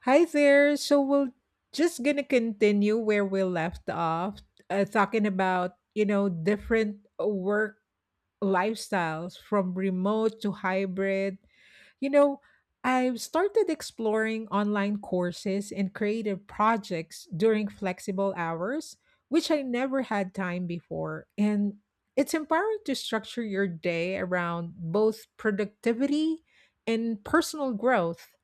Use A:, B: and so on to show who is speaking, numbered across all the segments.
A: Hi there. So we're just gonna continue where we left off, talking about different work lifestyles from remote to hybrid you know, I've started exploring online courses and creative projects during flexible hours, which I never had time before. And it's empowering to structure your day around both productivity and personal growth.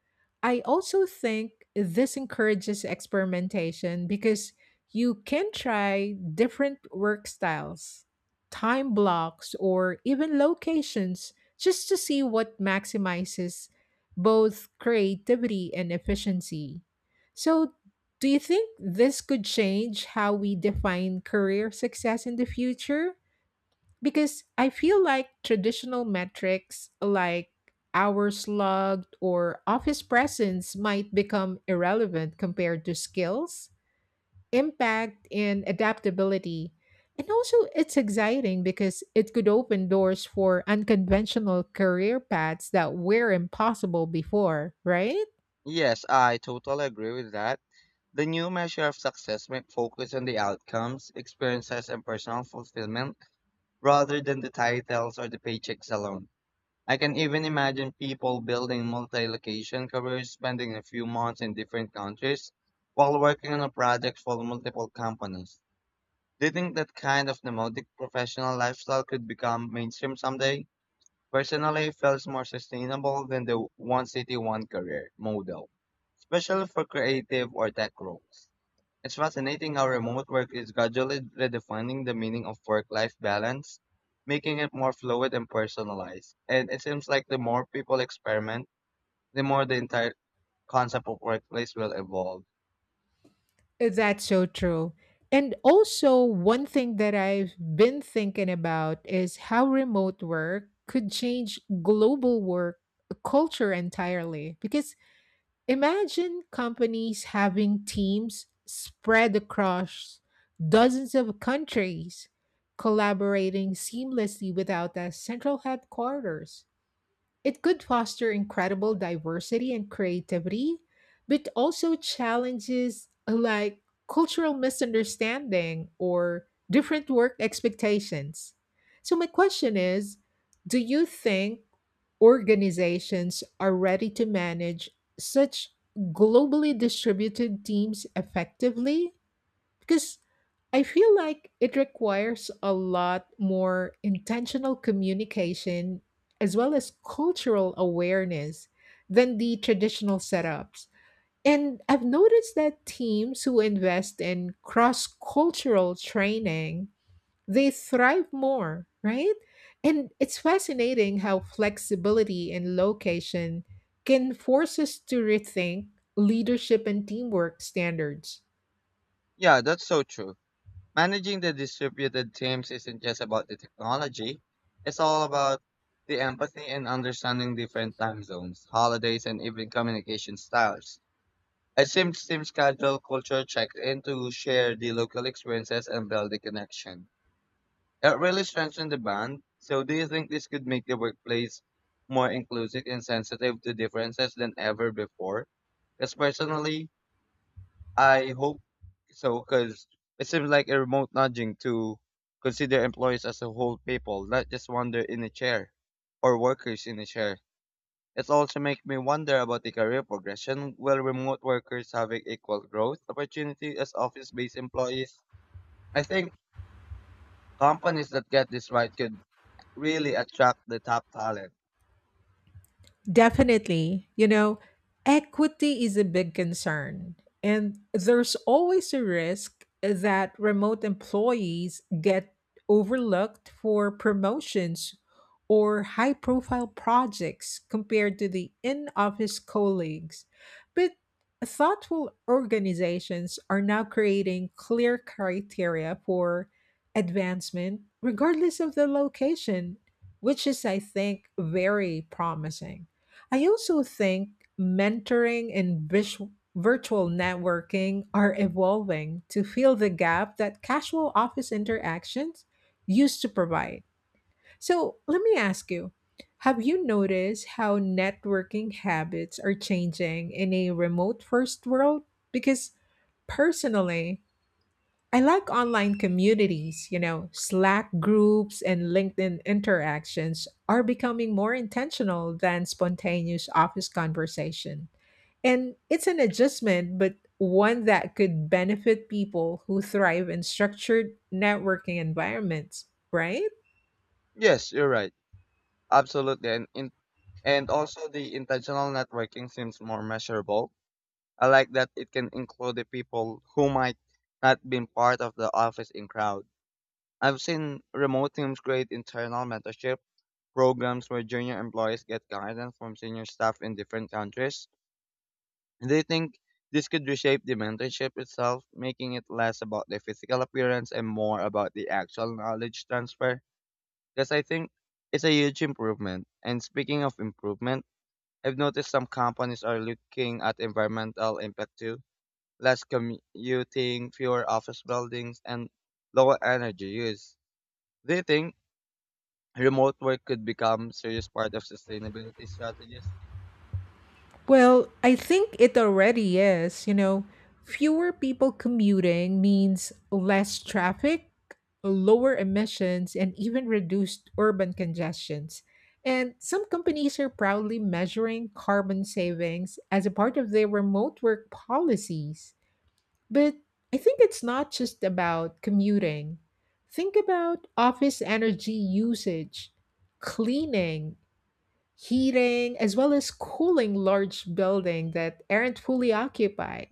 A: I also think this encourages experimentation because you can try different work styles, time blocks, or even locations just to see what maximizes both creativity and efficiency. So, do you think this could change how we define career success in the future? Because I feel like traditional metrics like hours logged or office presence might become irrelevant compared to skills impact and adaptability. And also, it's exciting because it could open doors for unconventional career paths that were impossible before, right?
B: Yes, I totally agree with that. The new measure of success might focus on the outcomes, experiences, and personal fulfillment rather than the titles or the paychecks alone. I can even imagine people building multi location careers, spending a few months in different countries while working on a project for multiple companies. Do you think that kind of nomadic professional lifestyle could become mainstream someday? Personally, it feels more sustainable than the one city, one career model, especially for creative or tech roles. It's fascinating how remote work is gradually redefining the meaning of work life balance, making it more fluid and personalized. And it seems like the more people experiment, the more the entire concept of workplace will evolve.
A: That's so true. And also, one thing that I've been thinking about is how remote work could change global work culture entirely because imagine companies having teams spread across dozens of countries, collaborating seamlessly without a central headquarters. It could foster incredible diversity and creativity, but also challenges like cultural misunderstanding or different work expectations. So, my question is, do you think organizations are ready to manage such globally distributed teams effectively? Because I feel like it requires a lot more intentional communication as well as cultural awareness than the traditional setups. And I've noticed that teams who invest in cross cultural training, they thrive more, right? And it's fascinating how flexibility and location can force us to rethink leadership and teamwork standards.
B: Yeah, that's so true. Managing the distributed teams isn't just about the technology. It's all about the empathy and understanding different time zones, holidays, and even communication styles. A Sims team schedule, culture checks in to share the local experiences and build the connection. It really strengthens the bond. So, do you think this could make the workplace more inclusive and sensitive to differences than ever before? Because personally, I hope so because it seems like a remote nudging to consider employees as a whole people, not just wonder in a chair or workers in a chair. It also makes me wonder about the career progression. Will remote workers have equal growth opportunity as office-based employees? I think companies that get this right could really attract the top talent.
A: Definitely. You know, equity is a big concern, and there's always a risk that remote employees get overlooked for promotions or high profile projects compared to the in office colleagues. But thoughtful organizations are now creating clear criteria for advancement, regardless of the location, which is, I think, very promising. I also think mentoring and visu virtual networking are evolving to fill the gap that casual office interactions used to provide. So, let me ask you, have you noticed how networking habits are changing in a remote first world? Because personally, I like online communities, you know, Slack groups and LinkedIn interactions are becoming more intentional than spontaneous office conversation. And it's an adjustment, but one that could benefit people who thrive in structured networking environments, right?
B: Yes, you're right. Absolutely. And also, the intentional networking seems more measurable. I like that it can include the people who might not been part of the office in crowd. I've seen remote teams create internal mentorship programs where junior employees get guidance from senior staff in different countries. They think this could reshape the mentorship itself, making it less about the physical appearance and more about the actual knowledge transfer. Because I think it's a huge improvement. And speaking of improvement, I've noticed some companies are looking at environmental impact too: less commuting, fewer office buildings, and lower energy use. Do you think remote work could become serious part of sustainability strategies?
A: Well, I think it already is. You know, fewer people commuting means less traffic, lower emissions, and even reduced urban congestions. And some companies are proudly measuring carbon savings as a part of their remote work policies. But I think it's not just about commuting. Think about office energy usage, cleaning, heating as well as cooling large buildings that aren't fully occupied.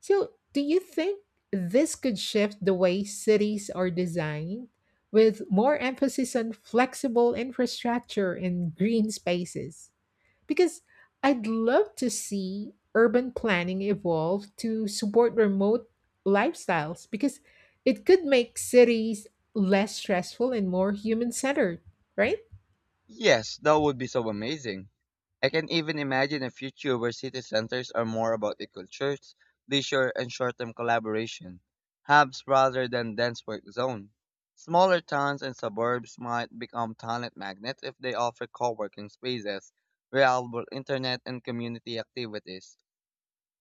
A: So, do you think this could shift the way cities are designed with more emphasis on flexible infrastructure and green spaces? Because I'd love to see urban planning evolve to support remote lifestyles because it could make cities less stressful and more human centered, right?
B: Yes, that would be so amazing. I can even imagine a future where city centers are more about equal church, leisure, and short-term collaboration hubs rather than dense work zone. Smaller towns and suburbs might become talent magnets if they offer co-working spaces, reliable internet, and community activities.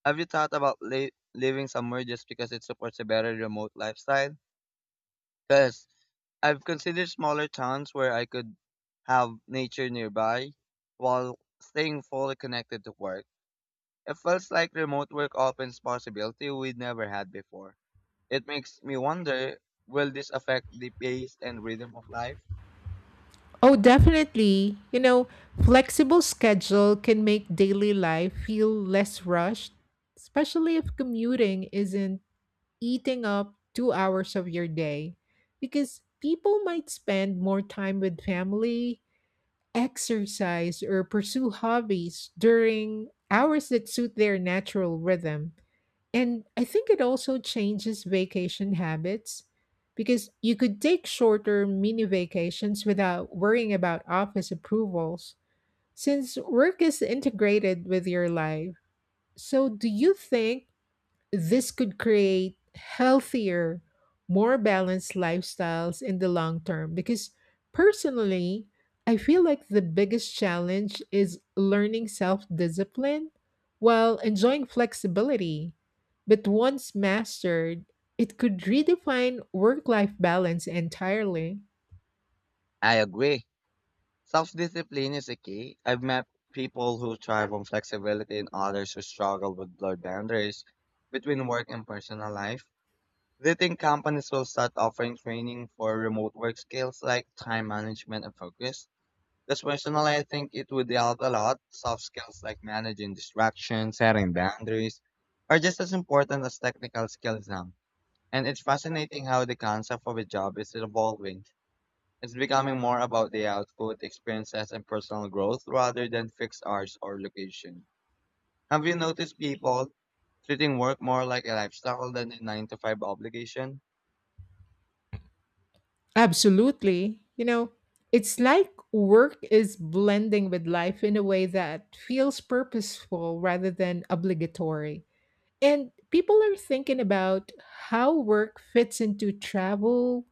B: Have you thought about living somewhere just because it supports a better remote lifestyle? Because I've considered smaller towns where I could have nature nearby while staying fully connected to work. It feels like remote work opens possibility we never had before. It makes me wonder, will this affect the pace and rhythm of life?
A: Oh, definitely. You know, flexible schedule can make daily life feel less rushed, especially if commuting isn't eating up 2 hours of your day because people might spend more time with family, exercise, or pursue hobbies during hours that suit their natural rhythm. And I think it also changes vacation habits because you could take shorter mini vacations without worrying about office approvals since work is integrated with your life. So, do you think this could create healthier, more balanced lifestyles in the long term? Because personally, I feel like the biggest challenge is learning self discipline while enjoying flexibility. But once mastered, it could redefine work life balance entirely.
B: I agree. Self-discipline is a key. I've met people who thrive on flexibility and others who struggle with blurred boundaries between work and personal life. Do you think companies will start offering training for remote work skills like time management and focus? Because personally, I think it would help a lot. Soft skills like managing distractions, setting boundaries are just as important as technical skills now. And it's fascinating how the concept of a job is evolving. It's becoming more about the output, experiences, and personal growth rather than fixed hours or location. Have you noticed people treating work more like a lifestyle than a 9 to 5 obligation?
A: Absolutely. You know, it's like work is blending with life in a way that feels purposeful rather than obligatory. And people are thinking about how work fits into travel,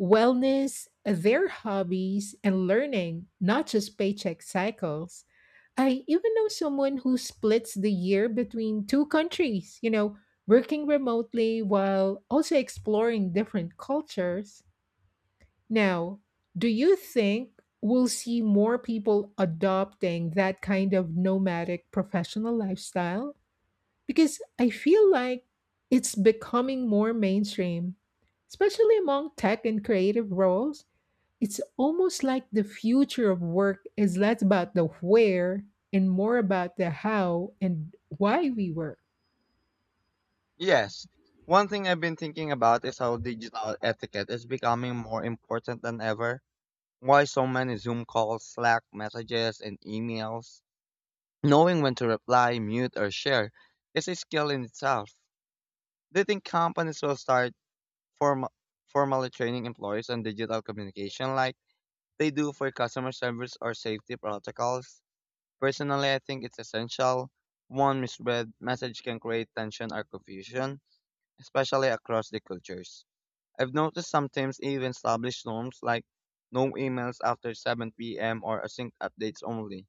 A: wellness, their hobbies, and learning, not just paycheck cycles. I even know someone who splits the year between two countries, you know, working remotely while also exploring different cultures. Now, do you think we'll see more people adopting that kind of nomadic professional lifestyle? Because I feel like it's becoming more mainstream, especially among tech and creative roles. It's almost like the future of work is less about the where and more about the how and why we work.
B: Yes. One thing I've been thinking about is how digital etiquette is becoming more important than ever. Why so many Zoom calls, Slack messages, and emails? Knowing when to reply, mute, or share is a skill in itself. Do you think companies will start form- formally training employees on digital communication like they do for customer service or safety protocols? Personally, I think it's essential. One misread message can create tension or confusion, especially across the cultures. I've noticed sometimes even established norms like no emails after 7 p.m. or async updates only.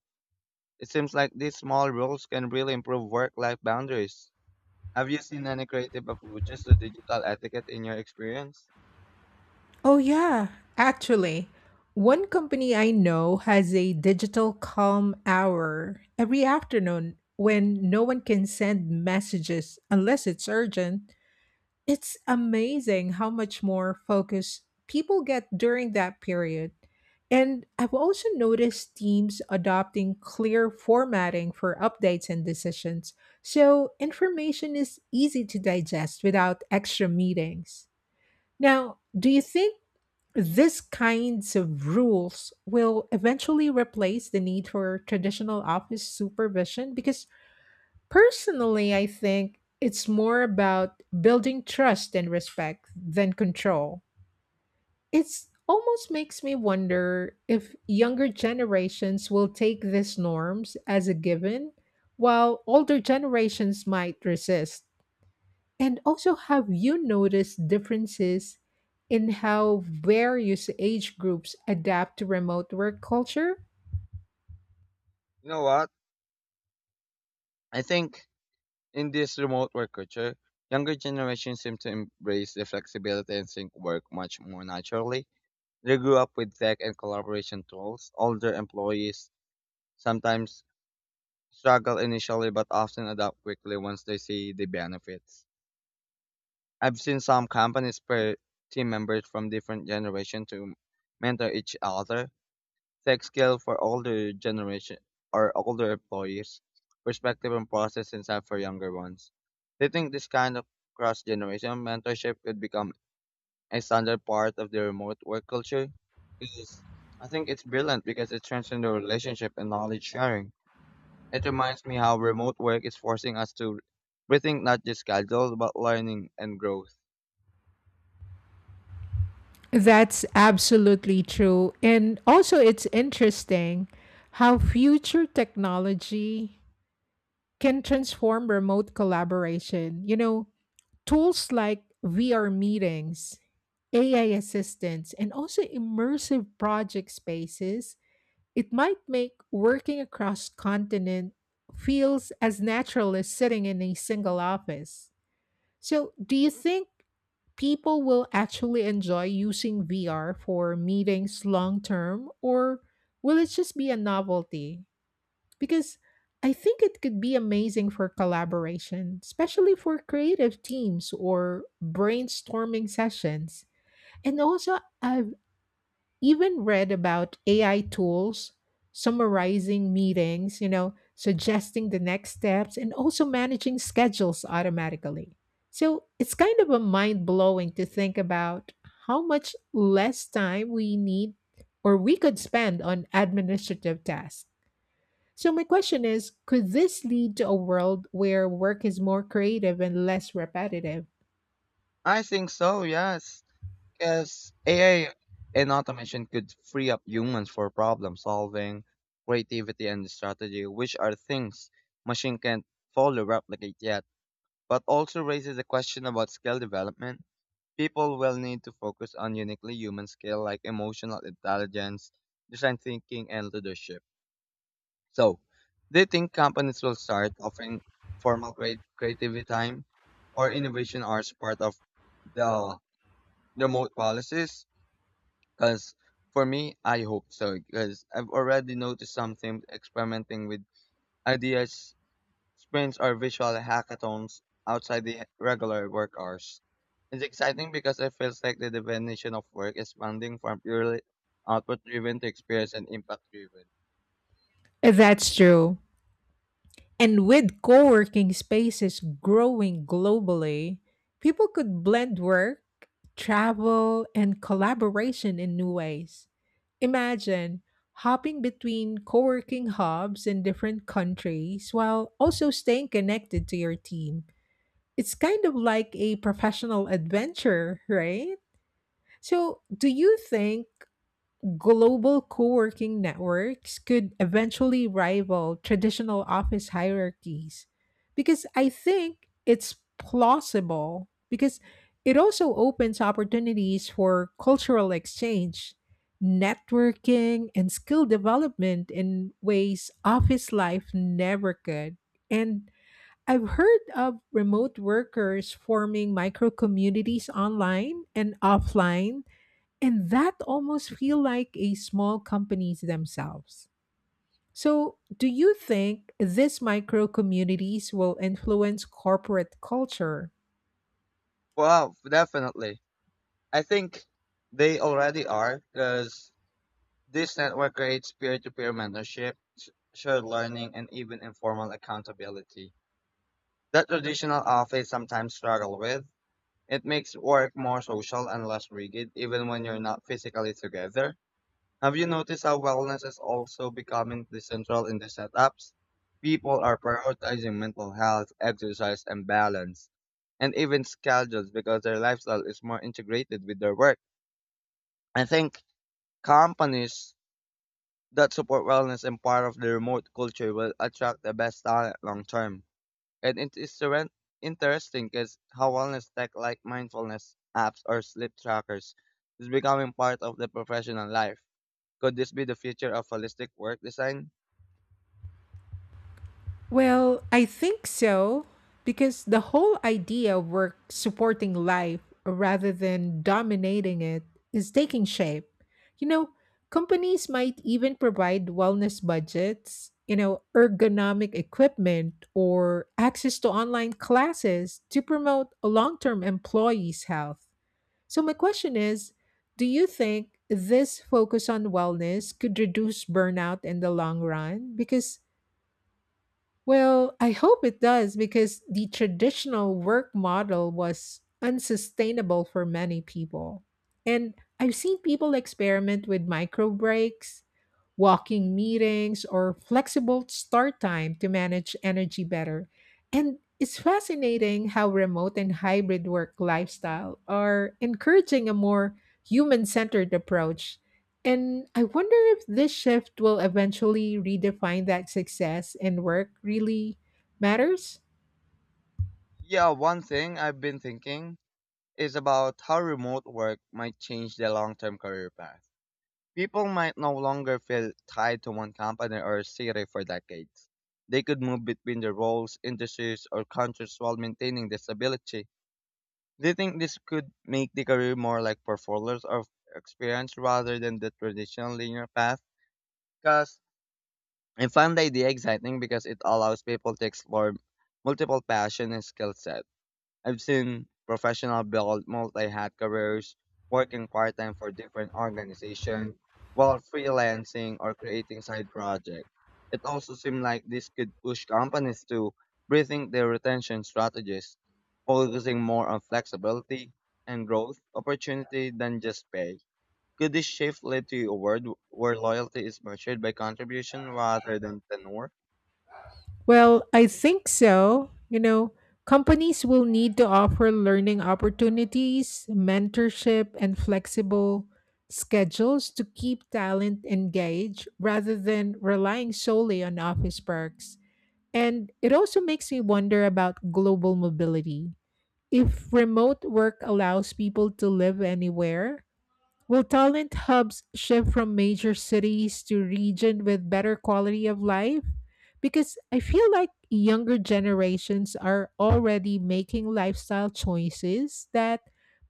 B: It seems like these small rules can really improve work-life boundaries. Have you seen any creative approaches to digital etiquette in your experience?
A: Oh, yeah, actually. One company I know has a digital calm hour every afternoon when no one can send messages unless it's urgent. It's amazing how much more focus people get during that period. And I've also noticed teams adopting clear formatting for updates and decisions, so information is easy to digest without extra meetings. Now, do you think these kinds of rules will eventually replace the need for traditional office supervision? Because personally, I think it's more about building trust and respect than control. It's almost makes me wonder if younger generations will take these norms as a given, while older generations might resist. And also, have you noticed differences in how various age groups adapt to remote work culture?
B: You know what? I think in this remote work culture, younger generations seem to embrace the flexibility and sync work much more naturally. They grew up with tech and collaboration tools. Older employees sometimes struggle initially but often adapt quickly once they see the benefits. I've seen some companies pair team members from different generations to mentor each other. Tech skill for older generation or older employees, perspective and process insight for younger ones. They think this kind of cross generation mentorship could become a standard part of the remote work culture. 'Cause I think it's brilliant because it strengthens the relationship and knowledge sharing. It reminds me how remote work is forcing us to rethink not just schedule but learning and growth.
A: That's absolutely true. And also, it's interesting how future technology can transform remote collaboration. You know, tools like VR meetings, AI assistants, and also immersive project spaces, it might make working across continent feels as natural as sitting in a single office. So, do you think people will actually enjoy using VR for meetings long term, or will it just be a novelty? Because I think it could be amazing for collaboration, especially for creative teams or brainstorming sessions. And also, I've even read about AI tools summarizing meetings, you know, suggesting the next steps and also managing schedules automatically. So it's kind of a mind blowing to think about how much less time we need or we could spend on administrative tasks. So, my question is, could this lead to a world where work is more creative and less repetitive?
B: I think so, yes. Yes, AI and automation could free up humans for problem solving, creativity, and strategy, which are things machine can't fully replicate yet, but also raises a question about skill development. People will need to focus on uniquely human skill like emotional intelligence, design thinking, and leadership. So, do you think companies will start offering formal creativity time or innovation hours part of the remote policies? Because for me, I hope so. Because I've already noticed something experimenting with ideas, sprints, or visual hackathons outside the regular work hours. It's exciting because it feels like the definition of work is expanding from purely output driven to experience and impact driven.
A: That's true. And with co working spaces growing globally, people could blend work, travel, and collaboration in new ways. Imagine hopping between co working hubs in different countries while also staying connected to your team. It's kind of like a professional adventure, right? So, do you think global co working networks could eventually rival traditional office hierarchies? Because I think it's plausible because it also opens opportunities for cultural exchange, networking, and skill development in ways office life never could. And I've heard of remote workers forming micro communities online and offline and that almost feel like a small companies themselves. So, do you think these micro communities will influence corporate culture?
B: Wow, definitely. I think they already are because this network creates peer to peer mentorship, shared learning, and even informal accountability that traditional office sometimes struggle with. It makes work more social and less rigid, even when you're not physically together. Have you noticed how wellness is also becoming the central in the setups? People are prioritizing mental health, exercise, and balance, and even schedules because their lifestyle is more integrated with their work. I think companies that support wellness and part of the remote culture will attract the best talent long term. And it is interesting is how wellness tech like mindfulness apps or sleep trackers is becoming part of the professional life. Could this be the future of holistic work design?
A: Well, I think so because the whole idea of work supporting life rather than dominating it is taking shape. You know, companies might even provide wellness budgets, you know, ergonomic equipment, or access to online classes to promote long term employees' health. So, my question is, do you think this focus on wellness could reduce burnout in the long run? Because well, I hope it does because the traditional work model was unsustainable for many people. And I've seen people experiment with micro breaks, walking meetings, or flexible start time to manage energy better. And it's fascinating how remote and hybrid work lifestyle are encouraging a more human centered approach and I wonder if this shift will eventually redefine that success and work really matters?
B: Yeah, one thing I've been thinking is about how remote work might change the long-term career path. People might no longer feel tied to one company or city for decades. They could move between their roles, industries, or countries while maintaining their stability. Do you think this could make the career more like portfolios of experience rather than the traditional linear path? Because I find the idea exciting because it allows people to explore multiple passion and skill sets. I've seen professional build multi-hat careers, working part-time for different organizations, while freelancing or creating side projects. It also seemed like this could push companies to rethink their retention strategies, focusing more on flexibility and growth opportunity than just pay. Could this shift lead to a world where loyalty is measured by contribution rather than tenure?
A: Well, I think so. You know, companies will need to offer learning opportunities, mentorship, and flexible schedules to keep talent engaged rather than relying solely on office perks. And it also makes me wonder about global mobility. If remote work allows people to live anywhere, will talent hubs shift from major cities to region with better quality of life? Because I feel like younger generations are already making lifestyle choices that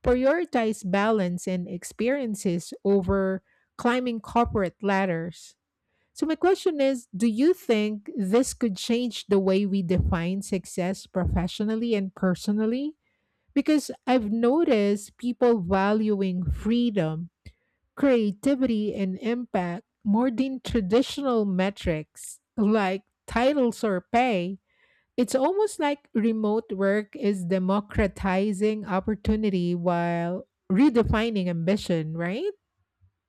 A: prioritize balance and experiences over climbing corporate ladders. So my question is, do you think this could change the way we define success professionally and personally? Because I've noticed people valuing freedom creativity and impact more than traditional metrics like titles or pay. It's almost like remote work is democratizing opportunity while redefining ambition, right?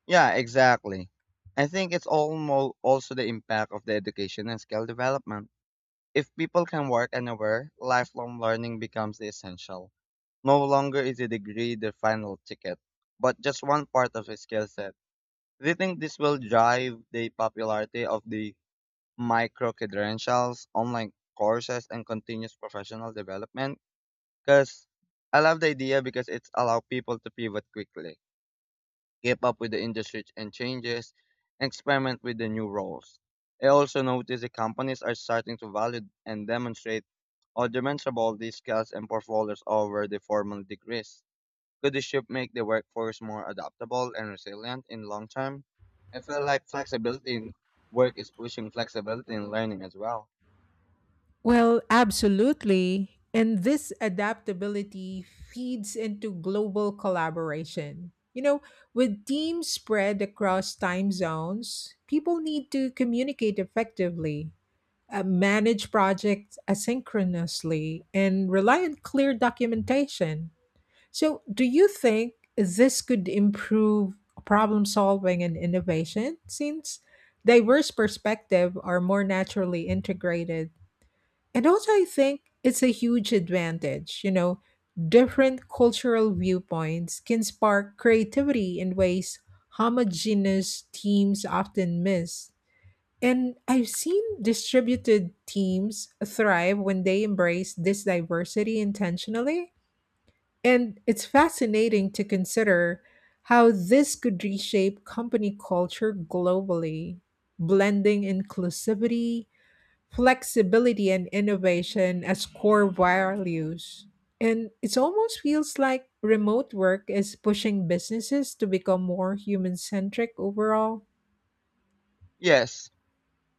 B: Yeah, exactly. I think it's almost also the impact of the education and skill development. If people can work anywhere, lifelong learning becomes essential. No longer is a degree the final ticket, but just one part of a skill set. Do you think this will drive the popularity of the micro credentials, online courses, and continuous professional development? Because I love the idea because it's allow people to pivot quickly, keep up with the industry and changes, and experiment with the new roles. I also noticed the companies are starting to value and demonstrate or demonstrable these skills and portfolios over the formal degrees. Could the shift make the workforce more adaptable and resilient in long term? I feel like flexibility in work is pushing flexibility in learning as well.
A: Well, absolutely. And this adaptability feeds into global collaboration. You know, with teams spread across time zones, people need to communicate effectively, manage projects asynchronously, and rely on clear documentation. So, do you think this could improve problem solving and innovation since diverse perspectives are more naturally integrated? And also, I think it's a huge advantage. You know, different cultural viewpoints can spark creativity in ways homogeneous teams often miss. And I've seen distributed teams thrive when they embrace this diversity intentionally. And it's fascinating to consider how this could reshape company culture globally, blending inclusivity flexibility and innovation as core values. And it almost feels like remote work is pushing businesses to become more human centric overall.
B: Yes,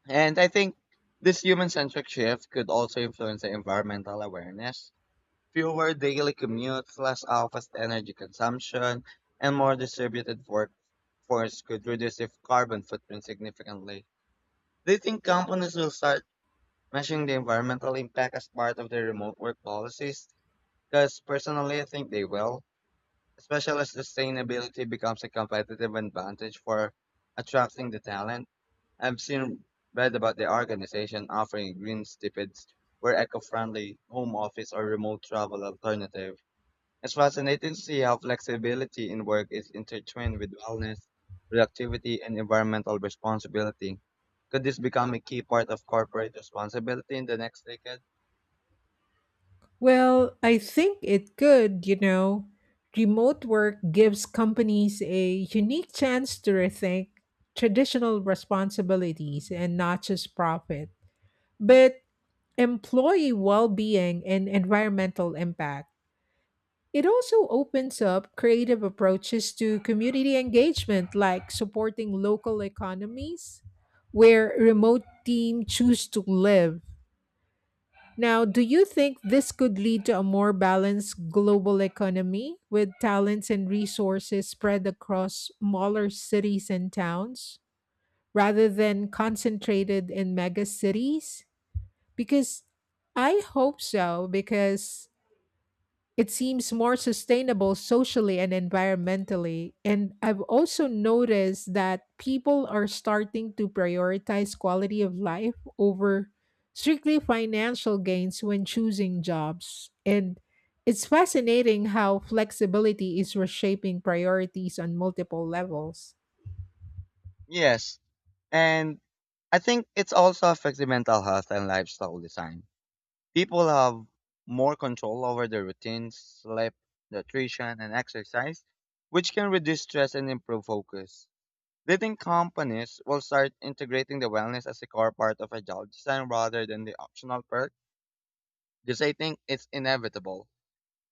B: and I think this human centric shift could also influence the environmental awareness: fewer daily commutes, less office energy consumption, and more distributed workforce could reduce the carbon footprint significantly. Do you think companies will start measuring the environmental impact as part of their remote work policies? Because personally, I think they will, especially as sustainability becomes a competitive advantage for attracting the talent. I've seen read about the organization offering green stipends where eco-friendly home office or remote travel alternative it's fascinating to see how flexibility in work is intertwined with wellness, productivity, and environmental responsibility. Could this become a key part of corporate responsibility in the next decade?
A: Well, I think it could, you know. Remote work gives companies a unique chance to rethink traditional responsibilities and not just profit, but employee well being and environmental impact. It also opens up creative approaches to community engagement, like supporting local economies where remote teams choose to live. Now, do you think this could lead to a more balanced global economy with talents and resources spread across smaller cities and towns rather than concentrated in mega cities? Because I hope so, because it seems more sustainable socially and environmentally. And I've also noticed that people are starting to prioritize quality of life over strictly financial gains when choosing jobs. And it's fascinating how flexibility is reshaping priorities on multiple levels.
B: Yes, and I think it also affects the mental health and lifestyle design. People have more control over their routines, sleep, nutrition, and exercise, which can reduce stress and improve focus. Do you think companies will start integrating the wellness as a core part of a job design rather than the optional perk? Because I think it's inevitable.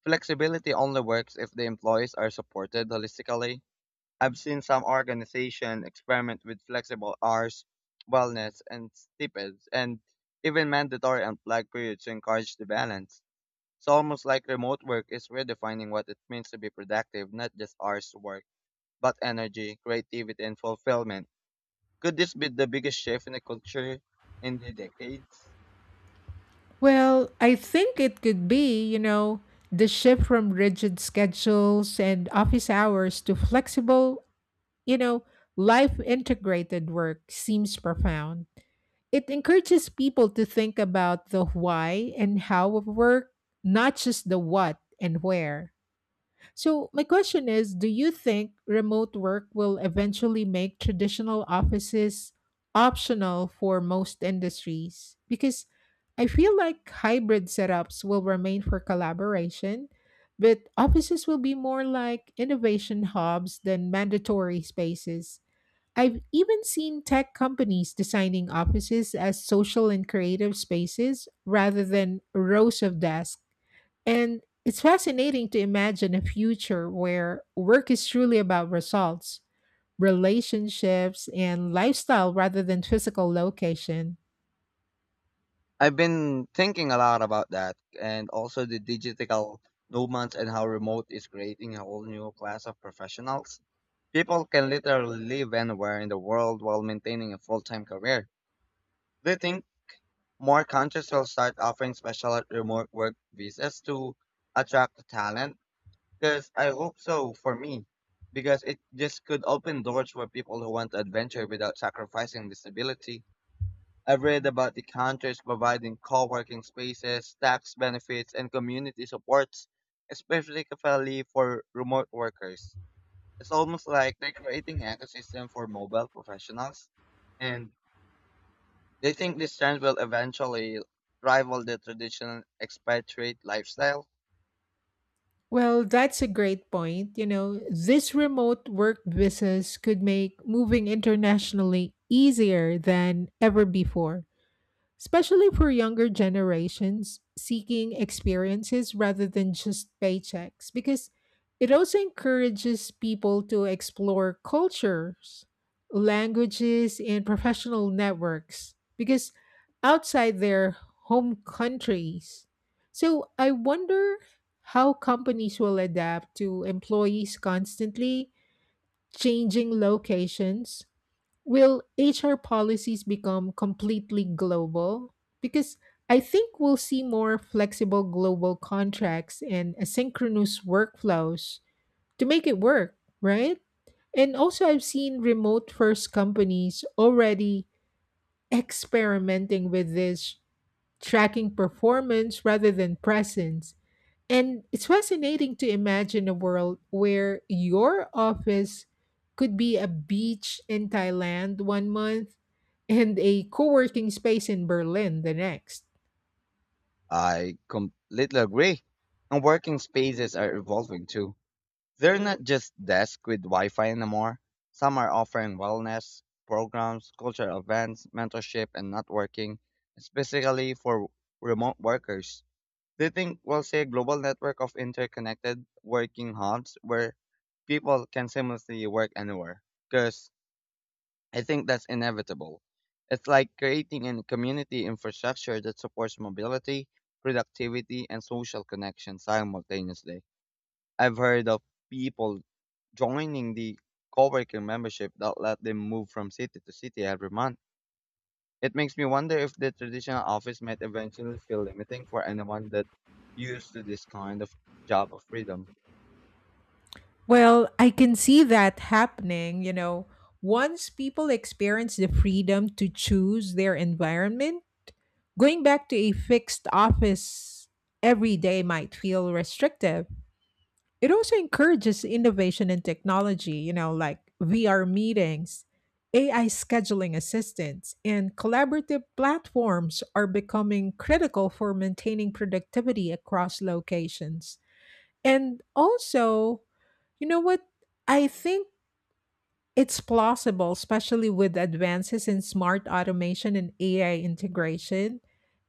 B: Flexibility only works if the employees are supported holistically. I've seen some organizations experiment with flexible hours, wellness, and stipends, and even mandatory unplugged periods to encourage the balance. It's almost like remote work is redefining what it means to be productive, not just hours to work, but energy, creativity, and fulfillment. Could this be the biggest shift in the culture in the decades?
A: Well, I think it could be, you know, the shift from rigid schedules and office hours to flexible, you know, life integrated work seems profound. It encourages people to think about the why and how of work, not just the what and where. So, my question is, do you think remote work will eventually make traditional offices optional for most industries? Because I feel like hybrid setups will remain for collaboration, but offices will be more like innovation hubs than mandatory spaces. I've even seen tech companies designing offices as social and creative spaces rather than rows of desks and it's fascinating to imagine a future where work is truly about results, relationships, and lifestyle rather than physical location.
B: I've been thinking a lot about that and also the digital nomads and how remote is creating a whole new class of professionals. People can literally live anywhere in the world while maintaining a full-time career. Do you think more countries will start offering special remote work visas to attract talent? Because I hope so for me, because it just could open doors for people who want to adventure without sacrificing disability. I've read about the countries providing co-working spaces, tax benefits, and community supports, especially Kefali for remote workers. It's almost like they're creating an ecosystem for mobile professionals, and they think this trend will eventually rival the traditional expatriate lifestyle.
A: Well, that's a great point. You know, this remote work business could make moving internationally easier than ever before, especially for younger generations seeking experiences rather than just paychecks, because it also encourages people to explore cultures, languages, and professional networks, because outside their home countries. So I wonder how companies will adapt to employees constantly changing locations. Will HR policies become completely global? Because I think we'll see more flexible global contracts and asynchronous workflows to make it work, right? And also, I've seen remote first companies already experimenting with this, tracking performance rather than presence. And it's fascinating to imagine a world where your office could be a beach in Thailand 1 month and a co working space in Berlin the next.
B: I completely agree. And working spaces are evolving too. They're not just desks with Wi Fi anymore. Some are offering wellness programs, cultural events, mentorship, and networking, specifically for remote workers. They think we'll see a global network of interconnected working hubs where people can seamlessly work anywhere. Because I think that's inevitable. It's like creating a community infrastructure that supports mobility, productivity, and social connection simultaneously. I've heard of people joining the coworking membership that let them move from city to city every month. It makes me wonder if the traditional office might eventually feel limiting for anyone that used to this kind of job of freedom.
A: Well, I can see that happening, you know. Once people experience the freedom to choose their environment, going back to a fixed office every day might feel restrictive. It also encourages innovation in technology, you know, like VR meetings, AI scheduling assistants, and collaborative platforms are becoming critical for maintaining productivity across locations. And also, you know what? I think it's plausible, especially with advances in smart automation and AI integration.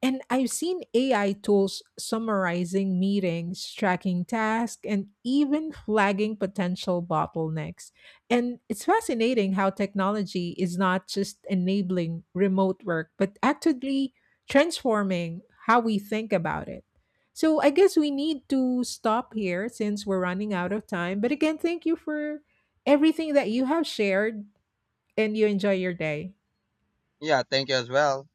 A: And I've seen AI tools summarizing meetings, tracking tasks, and even flagging potential bottlenecks. And it's fascinating how technology is not just enabling remote work, but actively transforming how we think about it. So I guess we need to stop here since we're running out of time. But again, thank you for everything that you have shared and you enjoy your day.
B: Yeah, thank you as well.